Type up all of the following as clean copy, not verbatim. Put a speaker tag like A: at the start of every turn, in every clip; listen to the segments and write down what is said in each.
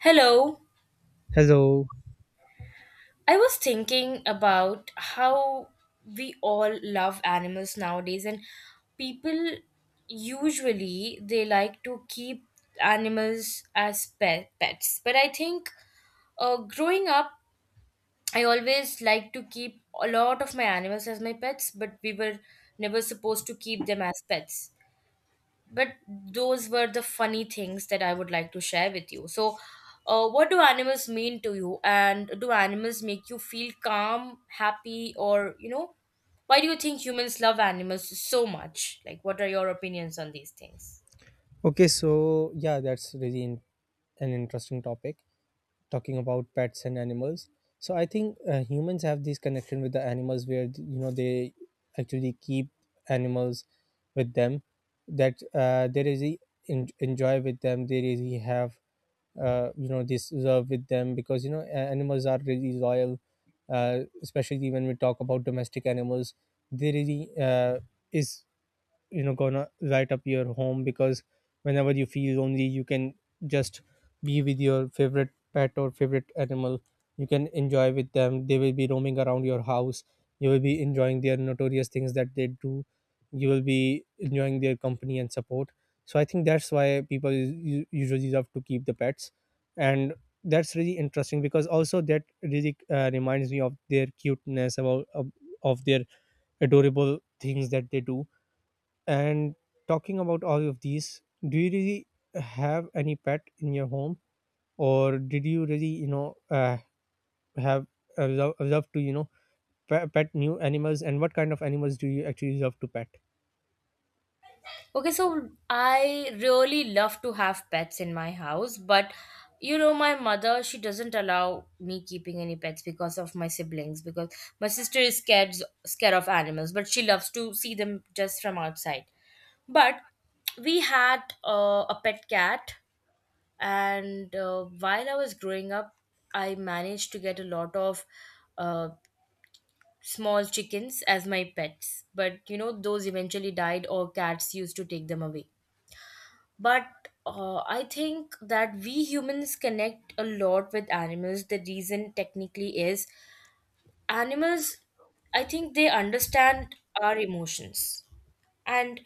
A: Hello.
B: Hello.
A: I was thinking about how we all love animals nowadays and people usually they like to keep animals as pets. But I think growing up I always like to keep a lot of my animals as my pets, but we were never supposed to keep them as pets. But those were the funny things that I would like to share with you. So, what do animals mean to you, and do animals make you feel calm, happy, or you know, why do you think humans love animals so much? Like, what are your opinions on these things?
B: Okay, so yeah, that's really an interesting topic talking about pets and animals. So I think humans have this connection with the animals where you know they actually keep animals with them that they really enjoy with them. They really have this love with them because you know animals are really loyal, especially when we talk about domestic animals. They really is you know gonna light up your home because whenever you feel lonely you can just be with your favorite pet or favorite animal. You can enjoy with them. They will be roaming around your house. You will be enjoying their notorious things that they do. You will be enjoying their company and support. So I think that's why people usually love to keep the pets. And that's really interesting because also that really reminds me of their cuteness about of their adorable things that they do. And talking about all of these, do you really have any pet in your home, or did you really, have a love to, pet new animals? And what kind of animals do you actually love to pet?
A: Okay, so I really love to have pets in my house, but you know, my mother she doesn't allow me keeping any pets because of my siblings. Because my sister is scared of animals, but she loves to see them just from outside. But we had a pet cat, and while I was growing up I managed to get a lot of uh, small chickens as my pets, but you know those eventually died or cats used to take them away. But I think that we humans connect a lot with animals. The reason technically is animals, I think they understand our emotions. And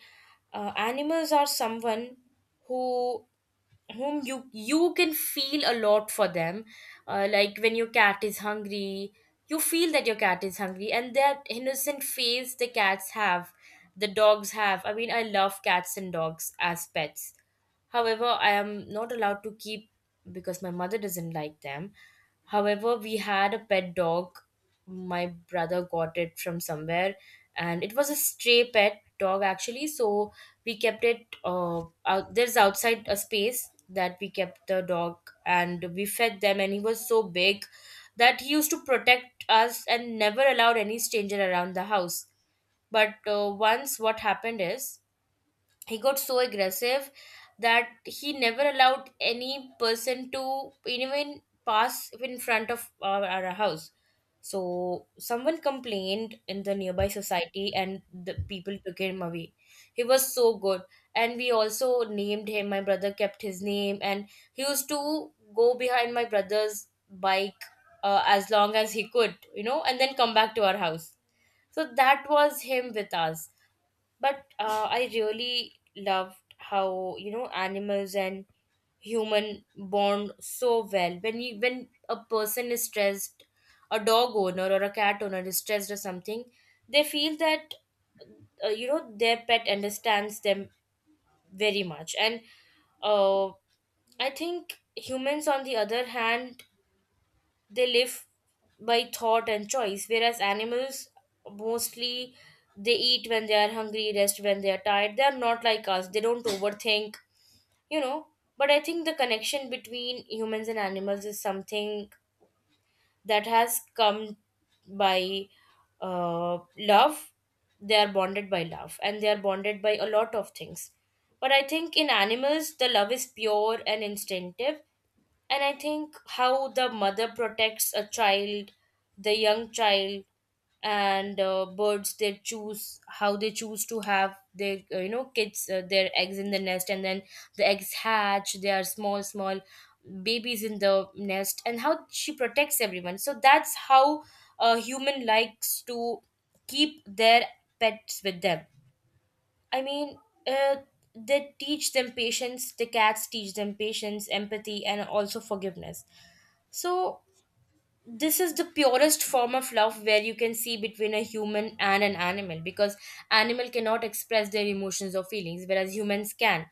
A: animals are someone who, whom you can feel a lot for them. Like when your cat is hungry, you feel that your cat is hungry, and that innocent face the cats have, the dogs have. I mean, I love cats and dogs as pets, however I am not allowed to keep because my mother doesn't like them. However, we had a pet dog. My brother got it from somewhere, and it was a stray pet dog actually. So we kept it. Out there's outside a space that we kept the dog, and we fed them. And he was so big that he used to protect us and never allowed any stranger around the house. But once, what happened is he got so aggressive that he never allowed any person to even pass in front of our house. So someone complained in the nearby society and the people took him away. He was so good, and we also named him. My brother kept his name, and he used to go behind my brother's bike as long as he could, you know, and then come back to our house. So that was him with us. But I really loved how, you know, animals and human bond so well. When you, when a person is stressed, a dog owner or a cat owner is stressed or something, they feel that you know, their pet understands them very much. And uh, I think humans on the other hand, they live by thought and choice, whereas animals, mostly they eat when they are hungry, rest when they are tired. They are not like us, they don't overthink, you know. But I think the connection between humans and animals is something that has come by love. They are bonded by love and they are bonded by a lot of things. But I think in animals the love is pure and instinctive. And I think how the mother protects a child, the young child. And birds, they choose how they choose to have their you know, kids, their eggs in the nest, and then the eggs hatch. They are small small babies in the nest and how she protects everyone. So that's how a human likes to keep their pets with them. I mean, uh, they teach them patience. The cats teach them patience, empathy, and also forgiveness. So, this is the purest form of love where you can see between a human and an animal, because animal cannot express their emotions or feelings whereas humans can,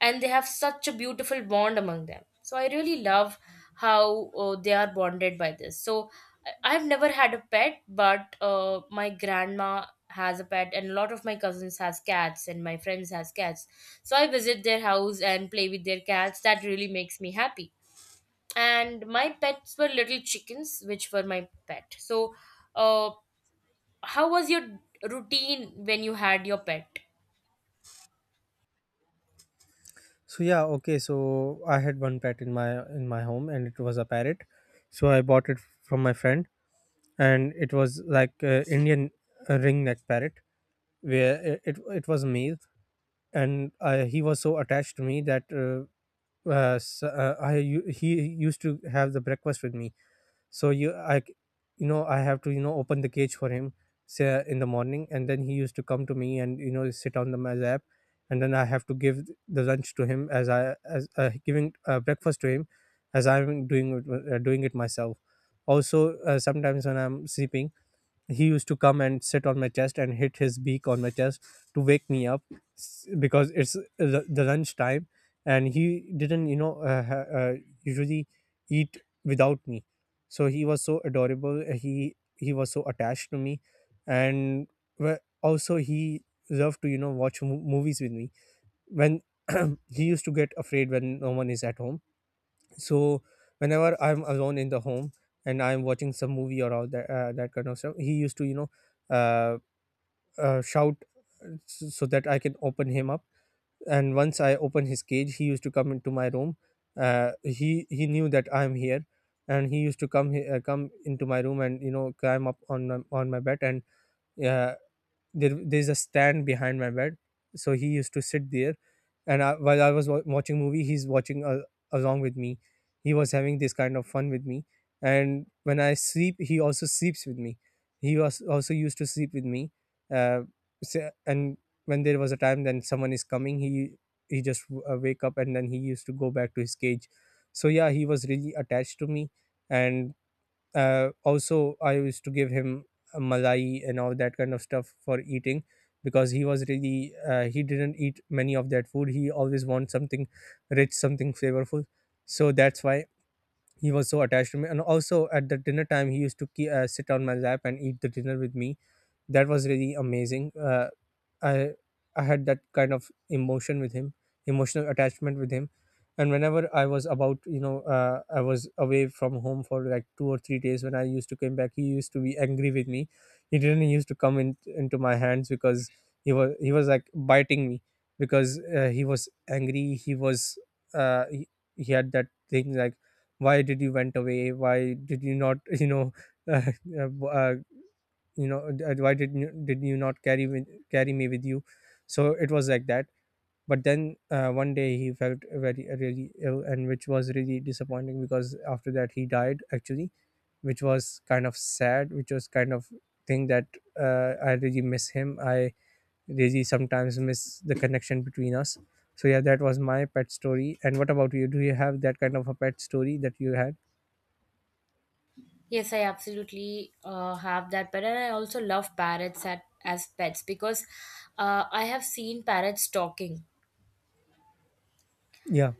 A: and they have such a beautiful bond among them. So I really love how they are bonded by this. So I've never had a pet, but my grandma has a pet and a lot of my cousins has cats and my friends has cats. So I visit their house and play with their cats, that really makes me happy. And my pets were little chickens which were my pet. So uh, how was your routine when you had your pet?
B: So yeah, okay. So I had one pet in my home, and it was a parrot. So I bought it from my friend, and it was like a Indian ring neck parrot, where it was a male, and he was so attached to me that. S I u- he used to have the breakfast with me. So you I c- you know, I have to you know open the cage for him, say in the morning, and then he used to come to me and you know sit on the my lap, and then I have to give the lunch to him as I as giving breakfast to him as I'm doing it myself. Also, sometimes when I'm sleeping, he used to come and sit on my chest and hit his beak on my chest to wake me up because it's the lunch time, and he didn't you know usually eat without me. So he was so adorable. Uh, he was so attached to me, and also he loved to you know watch movies with me. When he used to get afraid when no one is at home, so whenever I'm alone in the home and I'm watching some movie or all that, that kind of stuff, he used to uh, shout, so that I can open him up. And once I open his cage, he used to come into my room. Uh, he knew that I'm here, and he used to come into my room and you know climb up on on my bed. And uh, there there's a stand behind my bed, so he used to sit there. And I, while I was watching movie, he's watching along with me. He was having this kind of fun with me. And when I sleep, he also sleeps with me. He was also used to sleep with me. uh, and when there was a time then someone is coming, he just wake up and then he used to go back to his cage. So yeah, he was really attached to me. And also I used to give him a malai and all that kind of stuff for eating, because he was really he didn't eat many of that food. He always wants something rich, something flavorful. So that's why he was so attached to me. And also at the dinner time, he used to sit on my lap and eat the dinner with me. That was really amazing. Uh, i i had that kind of emotion with him, emotional attachment with him. And whenever I was about I was away from home for like 2 or 3 days, when I used to come back, he used to be angry with me. He didn't used to come into my hands because he was like biting me, because he was angry. He was uh, he, he had that thing like, why did you went away, why did you not you know uh, uh, why did you not carry carry me with you. So it was like that. But then one day he felt very really ill, and which was really disappointing because after that he died actually, which was kind of sad, which was kind of thing that I really miss him. I really sometimes miss the connection between us. So yeah, that was my pet story. And what about you? Do you have that kind of a pet story that you had?
A: Yes, I absolutely have that pet, and I also love parrots as pets, because I have seen parrots talking.
B: Yeah,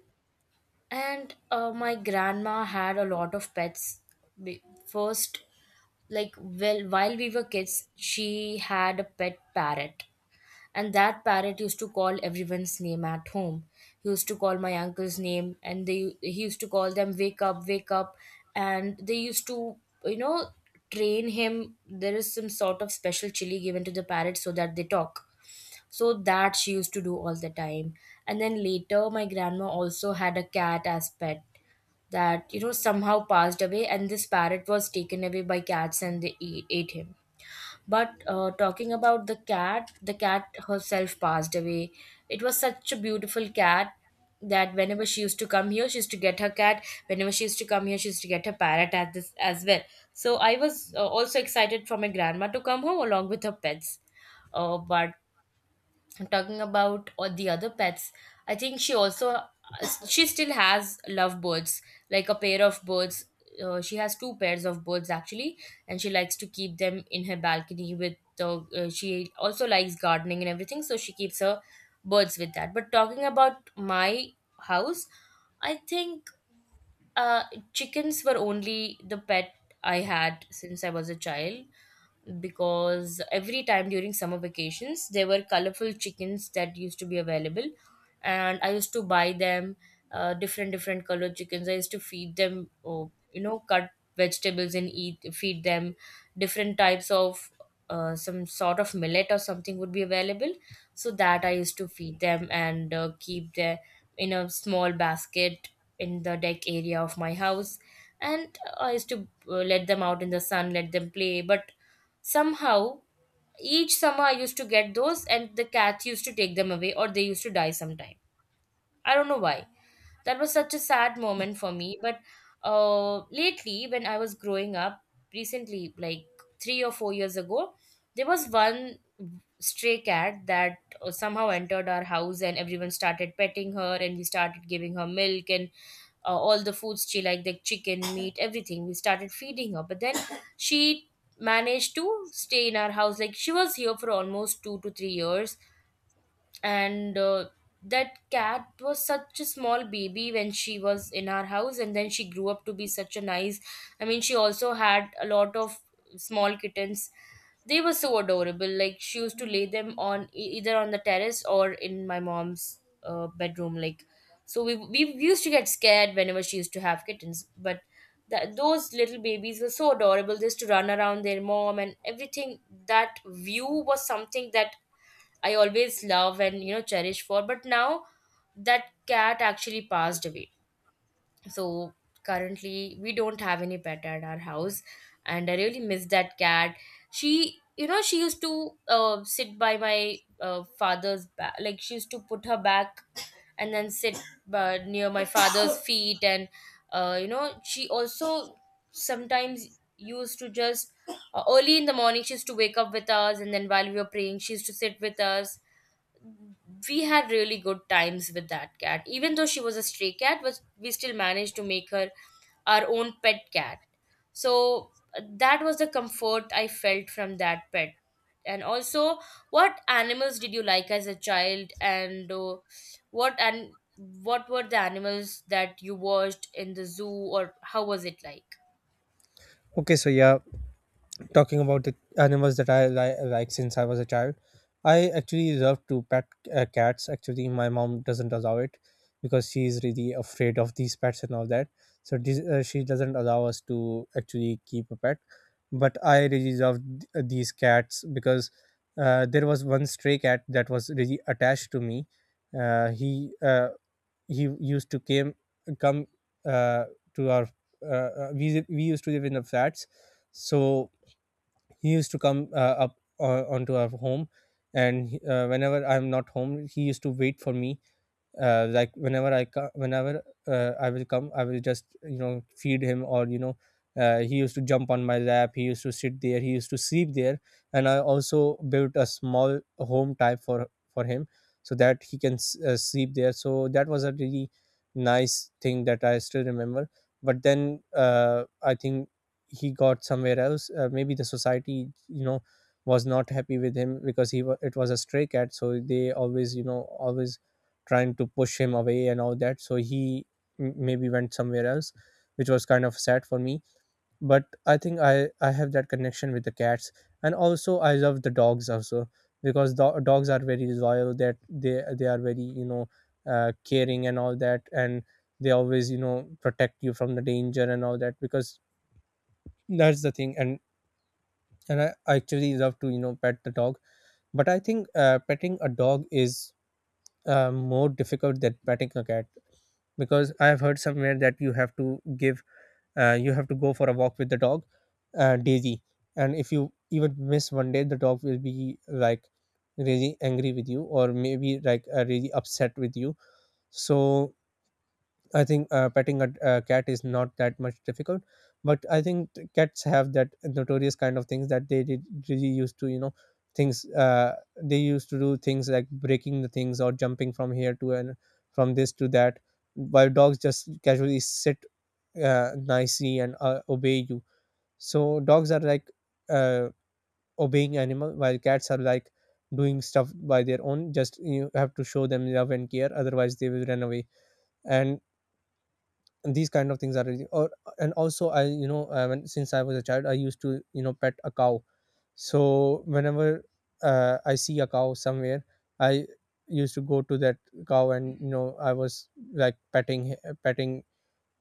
A: And my grandma had a lot of pets. First, like, well, while we were kids she had a pet parrot. And that parrot used to call everyone's name at home. He used to call my uncle's name, and they, he used to call them wake up, and they used to, you know, train him. There is some sort of special chili given to the parrot so that they talk. So that she used to do all the time. And then later, my grandma also had a cat as pet that, you know, somehow passed away, and this parrot was taken away by cats and they ate him. But talking about the cat herself passed away. It was such a beautiful cat that whenever she used to come here, she used to get her cat. Whenever she used to come here, she used to get her parrot at this as well. So I was also excited for my grandma to come home along with her pets. But talking about or the other pets, I think she also, she still has lovebirds, like a pair of birds. She has two pairs of birds actually, and she likes to keep them in her balcony with the she also likes gardening and everything, so she keeps her birds with that. But talking about my house, I think uh, chickens were only the pet I had since I was a child, because every time during summer vacations there were colorful chickens that used to be available, and I used to buy them. Different different colored chickens, I used to feed them, oh, you know, cut vegetables and eat feed them different types of some sort of millet or something would be available, so that I used to feed them and keep them in a small basket in the deck area of my house. And I used to let them out in the sun, let them play. But somehow, each summer I used to get those, and the cats used to take them away, or they used to die sometime. I don't know why. That was such a sad moment for me. But lately, when I was growing up, recently, like 3 or 4 years ago, there was one stray cat that somehow entered our house and everyone started petting her, and we started giving her milk and all the foods she liked, the chicken, meat, everything. We started feeding her. But then she managed to stay in our house. Like she was here for almost 2 to 3 years, and that cat was such a small baby when she was in our house, and then she grew up to be such a nice, I mean, she also had a lot of small kittens. They were so adorable. Like she used to lay them on either on the terrace or in my mom's bedroom. Like, so we used to get scared whenever she used to have kittens. But that those little babies were so adorable. They used to run around their mom and everything. That view was something that I always love and, you know, cherish for. But now that cat actually passed away. So currently we don't have any pet at our house, and I really miss that cat. She, you know, she used to sit by my father's back. Like she used to put her back and then sit near my father's feet. And you know, she also sometimes used to just early in the morning she used to wake up with us, and then while we were praying she used to sit with us. We had really good times with that cat. Even though she was a stray cat, was, we still managed to make her our own pet cat. So that was the comfort I felt from that pet. And also, what animals did you like as a child? And what, and what were the animals that you watched in the zoo, or how was it like?
B: okay, so yeah, talking about the animals that I like since I was a child, I actually love to pet cats. Actually, my mom doesn't allow it because she is really afraid of these pets and all that. So this, she doesn't allow us to actually keep a pet. But I really love these cats because there was one stray cat that was really attached to me. Uh, he uh, he used to came come uh, to our we used to live in the flats, so he used to come up onto our home. And whenever I'm not home, he used to wait for me. Whenever I will come, I will just you know feed him, or you know he used to jump on my lap, he used to sit there, he used to sleep there. And I also built a small home type for him, so that he can sleep there. So that was a really nice thing that I still remember. But then I think he got somewhere else. Uh, maybe the society you know was not happy with him because it was a stray cat, so they always you know always trying to push him away and all that. So he maybe went somewhere else, which was kind of sad for me. But I think I have that connection with the cats. And also, I love the dogs also because dogs are very loyal, that they are very, you know, caring and all that. And they always, you know, protect you from the danger and all that, because that's the thing. And I actually love to you know pet the dog, but I think petting a dog is more difficult than petting a cat, because I have heard somewhere that you have to give you have to go for a walk with the dog daily, and if you even miss one day, the dog will be like really angry with you, or maybe like really upset with you. So I think petting a cat is not that much difficult, but I think cats have that notorious kind of things that they did really used to, you know, things. They used to do things like breaking the things or jumping from here to and from this to that, while dogs just casually sit nicely and obey you. So dogs are like uh, obeying animal, while cats are like doing stuff by their own. Just you have to show them love and care, otherwise they will run away. And these kind of things are really or. And also I you know when since I was a child, I used to you know pet a cow. So whenever I see a cow somewhere, I used to go to that cow and you know I was like petting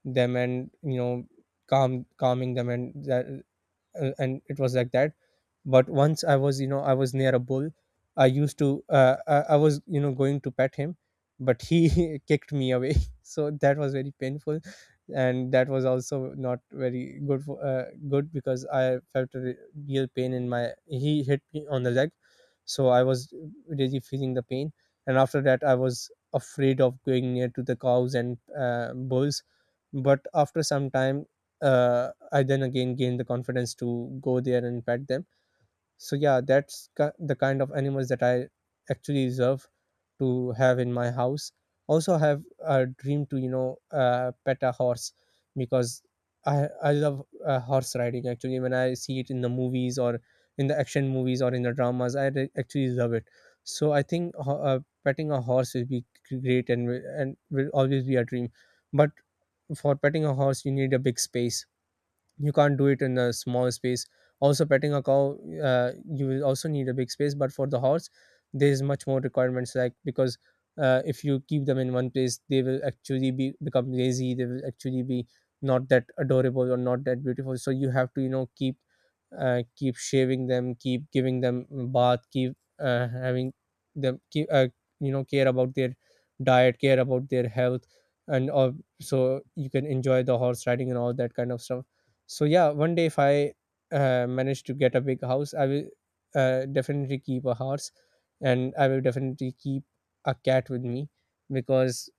B: them, and you know calming them and that and it was like that. But once I was you know I was near a bull, I used to I was you know going to pet him, but he kicked me away so that was very painful. And that was also not very good for, good, because I felt a real pain in my, he hit me on the leg. So I was really feeling the pain. And after that, I was afraid of going near to the cows and bulls. But after some time I then again gain the confidence to go there and pet them. So yeah, that's the kind of animals that I actually deserve to have in my house. Also, I have a dream to pet a horse because I love horse riding. Actually, when I see it in the movies or in the action movies or in the dramas, actually love it. So I think petting a horse will be great and will always be a dream. But for petting a horse, you need a big space, you can't do it in a small space. Also petting a cow, you will also need a big space, but for the horse there is much more requirements, like because if you keep them in one place, they will actually be become lazy, they will actually be not that adorable or not that beautiful. So you have to, you know, keep keep shaving them, keep giving them bath, keep having them, keep you know, care about their diet, care about their health, and so you can enjoy the horse riding and all that kind of stuff. So yeah, one day if I manage to get a big house, I will definitely keep a horse, and I will definitely keep a cat with me because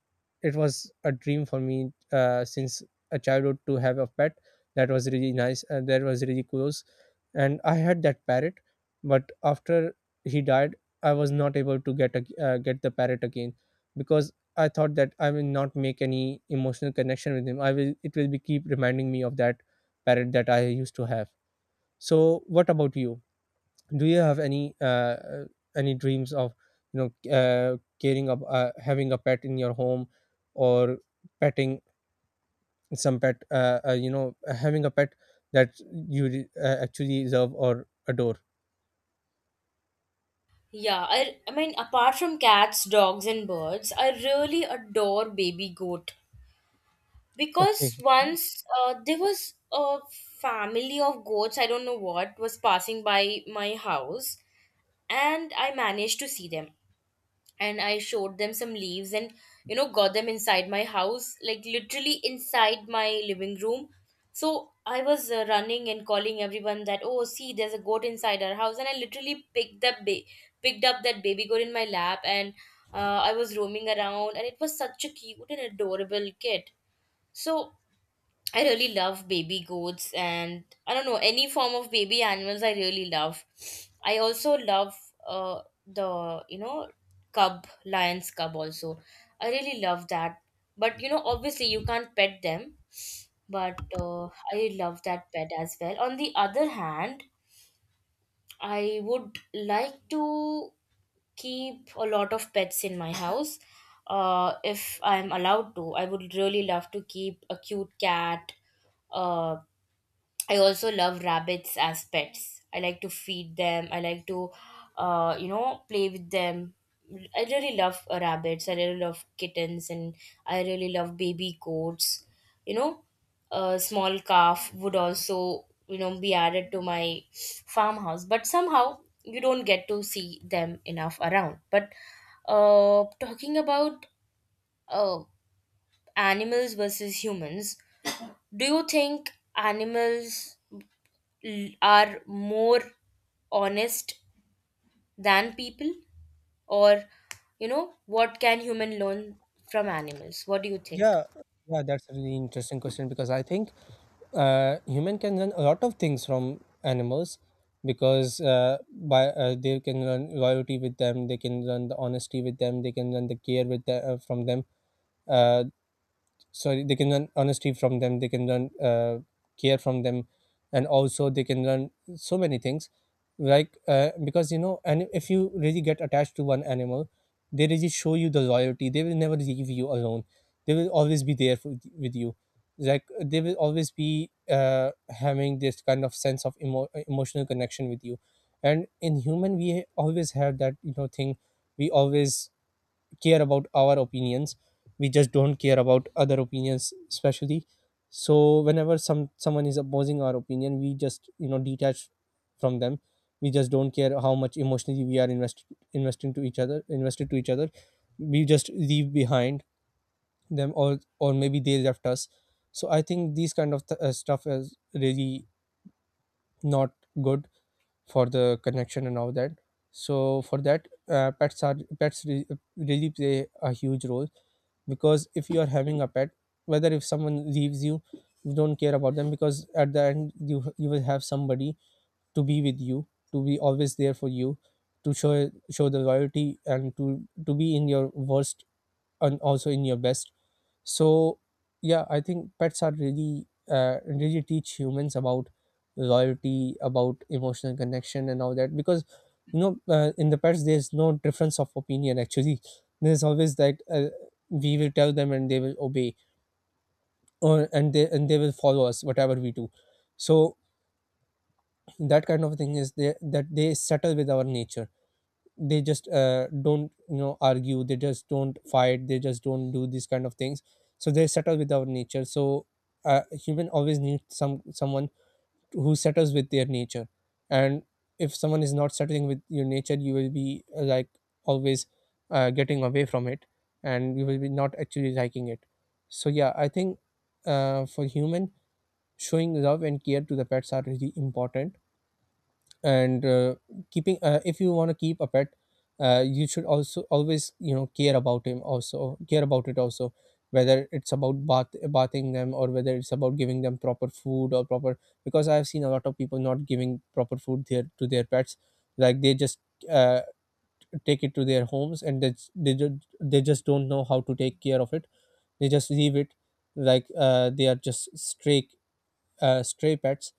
B: it was a dream for me since a childhood to have a pet. That was really nice, and that was really close, and I had that parrot, but after he died, I was not able to get the parrot again because I thought that I will not make any emotional connection with him. I will It will be keep reminding me of that parrot that I used to have. So, what about you? Do you have any dreams of you know caring of having a pet in your home, or petting some pet? You know, having a pet that you actually love or adore.
A: Yeah, I mean, apart from cats, dogs, and birds, I really adore baby goat. Because
B: Okay.
A: once there was a family of goats, I don't know what, was passing by my house, and I managed to see them, and I showed them some leaves, and you know got them inside my house, like literally inside my living room. So I was running and calling everyone that, oh, see, there's a goat inside our house. And I literally picked up that baby goat in my lap, and I was roaming around, and it was such a cute and adorable kid. So I really love baby goats, and I don't know any form of baby animals I really love. I also love the cub lion's cub also. I really love that. But you know obviously you can't pet them. But I love that pet as well. On the other hand, I would like to keep a lot of pets in my house. If I'm allowed to, I would really love to keep a cute cat, a, I also love rabbits as pets. I like to feed them. I like to, play with them. I really love rabbits. I really love kittens, and I really love baby goats. You know, a small calf would also, you know, be added to my farmhouse. But somehow you don't get to see them enough around. But talking about uh, animals versus humans, do you think animals are more honest than people, or you know what can human learn from animals? What do you think?
B: Yeah, yeah, that's a really interesting question because I think human can learn a lot of things from animals because by they can learn loyalty with them, they can learn the honesty with them, they can learn the care from them. Uh, Sorry, they can learn honesty from them, they can learn care from them, and also they can learn so many things, like because you know, and if you really get attached to one animal, they really show you the loyalty, they will never leave you alone, they will always be there for, with you, like they will always be having this kind of sense of emotional connection with you. And in human we always have that, you know, thing, we always care about our opinions, we just don't care about other opinions especially. So whenever someone is opposing our opinion, we just, you know, detach from them, we just don't care how much emotionally we are invested to each other, we just leave behind them, or maybe they left us. So I think these kind of stuff is really not good for the connection and all that. So for that pets really play a huge role because if you are having a pet, whether if someone leaves you, you don't care about them because at the end you will have somebody to be with you, to be always there for you, to show the loyalty, and to be in your worst and also in your best. So yeah, I think pets are really really teach humans about loyalty, about emotional connection and all that, because you know in the pets there's no difference of opinion actually, there's always that we will tell them and they will obey, or and they will follow us whatever we do. So that kind of thing is that they settle with our nature, they just don't, you know, argue, they just don't fight, they just don't do these kind of things. So they settle with our nature. So human always needs someone who settles with their nature. And if someone is not settling with your nature, you will be like always getting away from it, and you will be not actually liking it. So yeah, I think for human, showing love and care to the pets are really important. And Keeping if you want to keep a pet, you should also always, you know, care about him, also care about it also, whether it's about bathing them, or whether it's about giving them proper food or proper, because I have seen a lot of people not giving proper food there to their pets. Like they just uh, take it to their homes, and they just don't know how to take care of it, they just leave it, like they are just stray stray pets,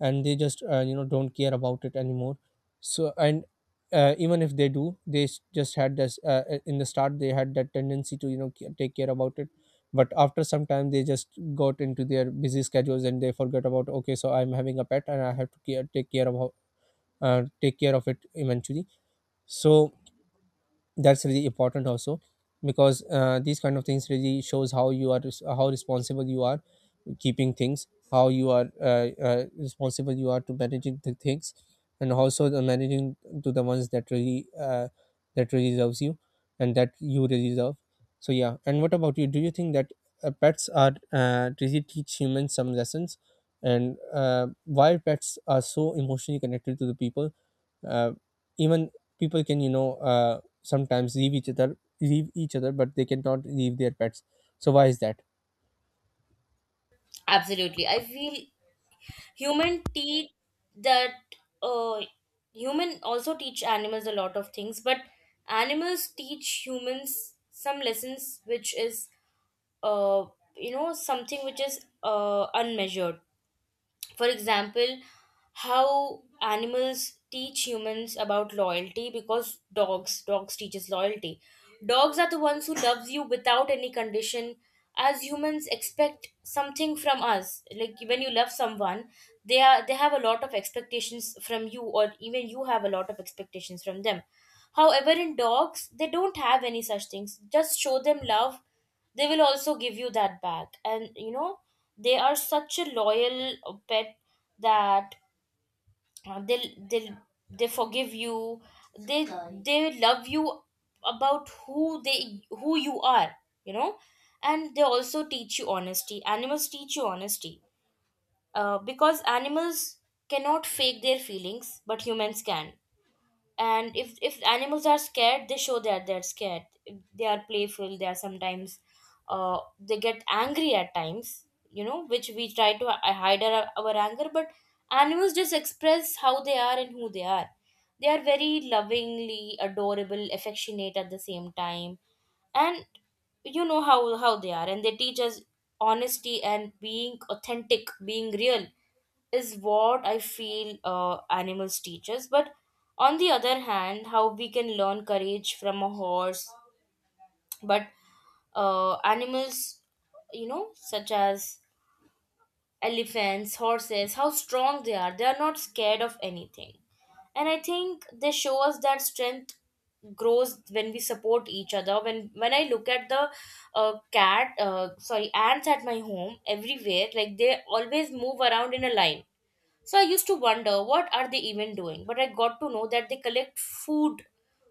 B: and they just you know, don't care about it anymore. So, and even if they do, just had this in the start, they had that tendency to, you know, take care about it, but after some time they just got into their busy schedules and they forgot about, okay, so I'm having a pet and I have to take care of take care of it eventually. So that's really important also, because these kind of things really shows how you are how responsible you are keeping things, how you are responsible you are to managing the things, and also the managing to the ones that really that really loves you and that you really love. So yeah, and what about you? Do you think that pets are really teach humans some lessons, and why pets are so emotionally connected to the people? uh, Even people can, you know, sometimes leave each other, but they cannot leave their pets. So why is that?
A: Absolutely, I feel human teach that, uh human also teach animals a lot of things, but animals teach humans some lessons which is, uh you know, something which is unmeasured. For example, how animals teach humans about loyalty, because dogs teaches loyalty. Dogs are the ones who loves you without any condition. As humans expect something from us, like when you love someone, they have a lot of expectations from you, or even you have a lot of expectations from them. However, in dogs, they don't have any such things. Just show them love, they will also give you that back. And you know, they are such a loyal pet that they'll they forgive you, they they love you about who they who you are, you know. And they also teach you honesty. Animals teach you honesty, because animals cannot fake their feelings, but humans can. And if animals are scared, they show that they're scared. If they are playful, they are sometimes they get angry at times, you know, which we try to hide our anger, but animals just express how they are and who they are. They are very lovingly adorable, affectionate at the same time. And you know, how they are, and they teach us honesty, and being authentic, being real, is what I feel animals teach us. But on the other hand, how we can learn courage from a horse, but animals, you know, such as elephants, horses, how strong they are. They are not scared of anything. And I think they show us that strength grows when we support each other. When I look at the cat sorry ants at my home everywhere, like they always move around in a line. So I used to wonder what are they even doing, but I got to know that they collect food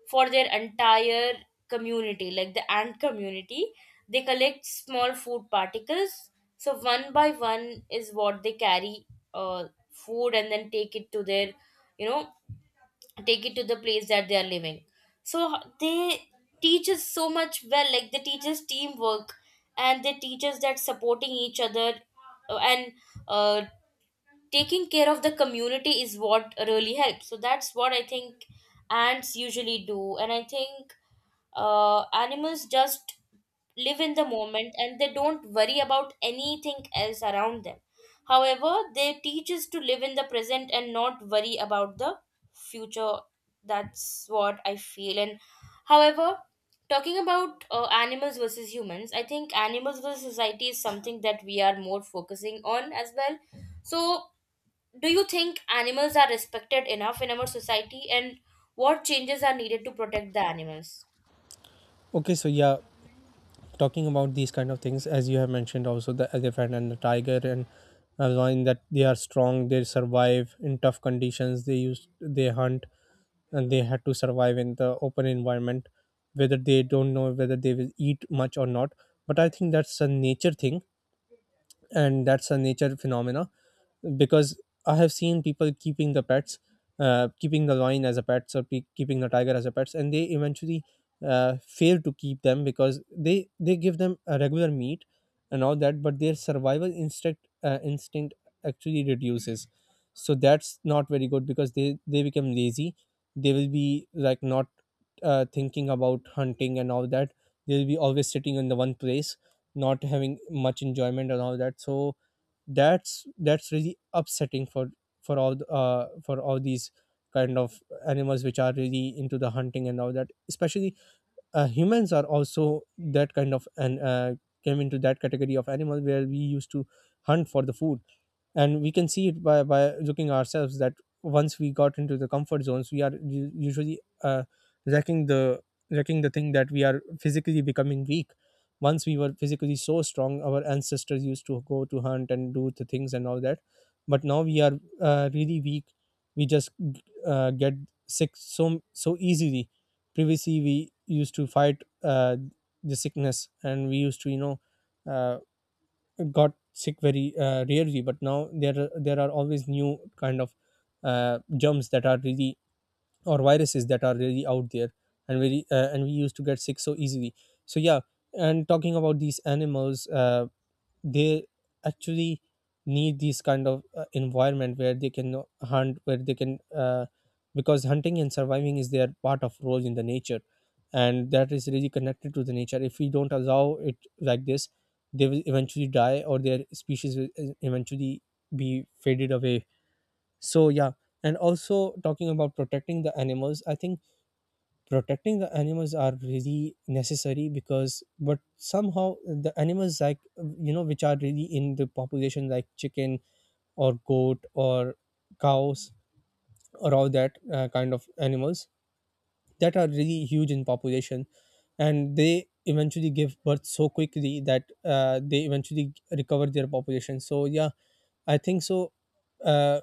A: for their entire community, like the ant community. They collect small food particles, so one by one is what they carry uh, food and then take it to their, you know, take it to the place that they are living. So they teach us so much well, like they teach us teamwork, and they teach us that supporting each other and uh, taking care of the community is what really helps. So that's what I think ants usually do. And I think animals just live in the moment, and they don't worry about anything else around them. However, they teach us to live in the present and not worry about the future. That's what I feel. And however, talking about animals versus humans, I think animals versus society is something that we are more focusing on as well. So do you think animals are respected enough in our society, and what changes are needed to protect the animals?
B: Okay, so yeah, talking about these kind of things, as you have mentioned also the elephant and the tiger, and allowing that they are strong, they survive in tough conditions, they hunt, and they had to survive in the open environment, whether they don't know whether they will eat much or not. But I think that's a nature thing, and that's a nature phenomena. Because I have seen people keeping the pets, keeping the lion as a pets, or keeping the tiger as a pets, and they eventually fail to keep them because they give them a regular meat and all that, but their survival instinct actually reduces. So that's not very good because they become lazy. They will be like not thinking about hunting and all that. They will be always sitting in the one place, not having much enjoyment and all that. So that's really upsetting for for all these kind of animals which are really into the hunting and all that, especially. Humans are also that kind of, and came into that category of animal where we used to hunt for the food, and we can see it by looking ourselves that once we got into the comfort zones, we are usually wrecking the wrecking the thing, that we are physically becoming weak. Once we were physically so strong, our ancestors used to go to hunt and do the things and all that, but now we are really weak, we just get sick so easily. Previously we used to fight the sickness, and we used to, you know, uh, got sick very rarely, but now there are always new kind of germs that are really, or viruses that are really out there, and very and we used to get sick so easily. So yeah, and talking about these animals, they actually need these kind of environment where they can hunt, where they can because hunting and surviving is their part of role in the nature, and that is really connected to the nature. If we don't allow it like this, they will eventually die, or their species will eventually be faded away. So yeah, and also talking about protecting the animals, I think protecting the animals are really necessary, because but somehow the animals, like, you know, which are really in the population, like chicken or goat or cows or all that kind of animals that are really huge in population, and they eventually give birth so quickly that they eventually recover their population. So yeah, I think so. uh,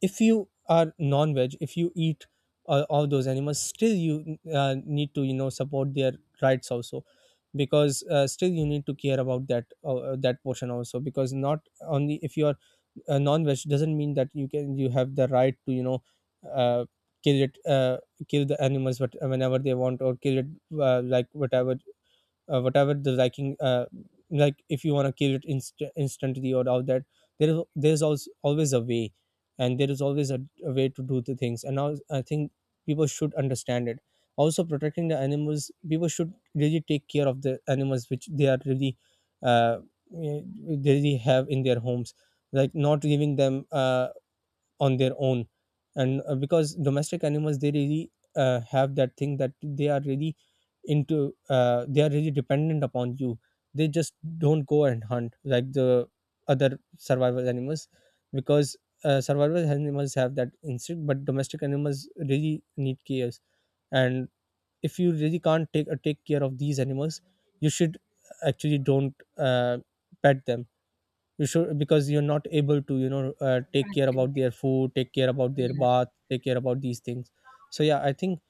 B: if you are non-veg, if you eat all those animals, still you need to, you know, support their rights also, because still you need to care about that that portion also, because not only if you are non-veg doesn't mean that you have the right to, you know, uh, kill it, kill the animals, but whenever they want, or kill it, like whatever whatever the liking, like if you want to kill it instantly or all that, there's always, always a way, and there is always a way to do the things. And now I think people should understand it. Also, protecting the animals, people should really take care of the animals which they are really uh, eh, they really have in their homes, like not leaving them on their own. And Because domestic animals, they really have that thing that they are really into they are really dependent upon you, they just don't go and hunt like the other survival animals, because survival animals have that instinct, but domestic animals really need cares. And if you really can't take care of these animals, you should actually don't pet them. You should, because you're not able to, you know, take care about their food, take care about their bath, take care about these things. So yeah, I think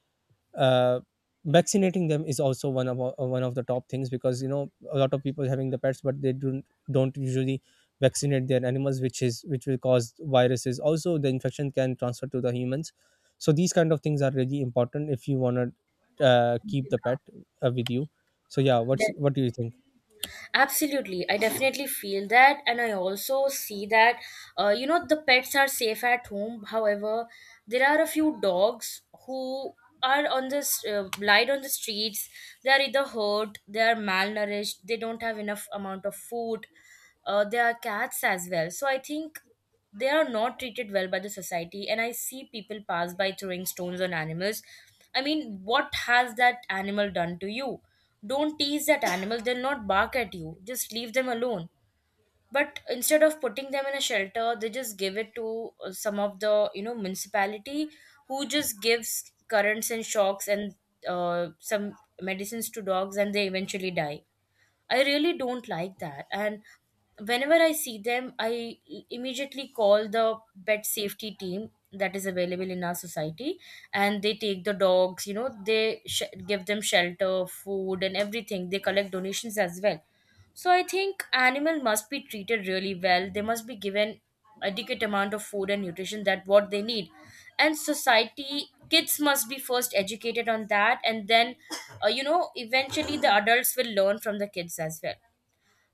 B: uh, vaccinating them is also one of the top things, because you know, a lot of people having the pets but they don't usually vaccinate their animals, which is which will cause viruses, also the infection can transfer to the humans. So these kind of things are really important if you want to keep the pet with you. So yeah,
A: De-
B: what do you think?
A: Absolutely. I definitely feel that. And I also see that, you know, the pets are safe at home. However, there are a few dogs who are on the lied on the streets. They are either hurt, they are malnourished, they don't have enough amount of food. There are cats as well. So I think they are not treated well by the society, and I see people pass by throwing stones on animals. I mean, what has that animal done to you? Don't tease that animal, they'll not bark at you. Just leave them alone. But instead of putting them in a shelter, they just give it to some of the, you know, municipality, who just gives currents and shocks and some medicines to dogs, and they eventually die. I really don't like that. And whenever I see them, I immediately call the pet safety team that is available in our society, and they take the dogs, you know, they give them shelter, food, and everything. They collect donations as well. So I think animal must be treated really well. They must be given adequate amount of food and nutrition that what they need. And society kids must be first educated on that, and then you know eventually the adults will learn from the kids as well.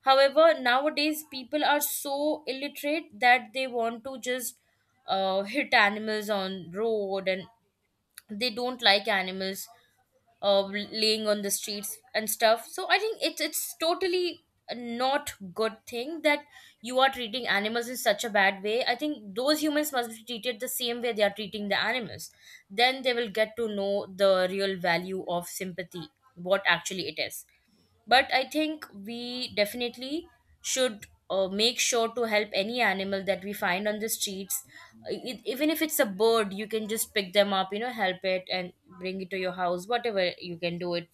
A: However, nowadays people are so illiterate that they want to just hit animals on road, and they don't like animals laying on the streets and stuff. So I think it's totally not good thing that you are treating animals in such a bad way. I think those humans must be treated the same way they are treating the animals. Then they will get to know the real value of sympathy, what actually it is. But I think we definitely should make sure to help any animal that we find on the streets. It, even if it's a bird, you can just pick them up, you know, help it and bring it to your house, whatever you can do it.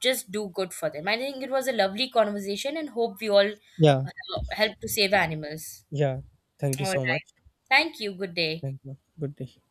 A: Just do good for them. I think it was a lovely conversation, and hope we all
B: Yeah,
A: uh, help to save animals.
B: yeah, thank you
A: All
B: so much.
A: right, thank you. Good day.
B: Thank you. Good day.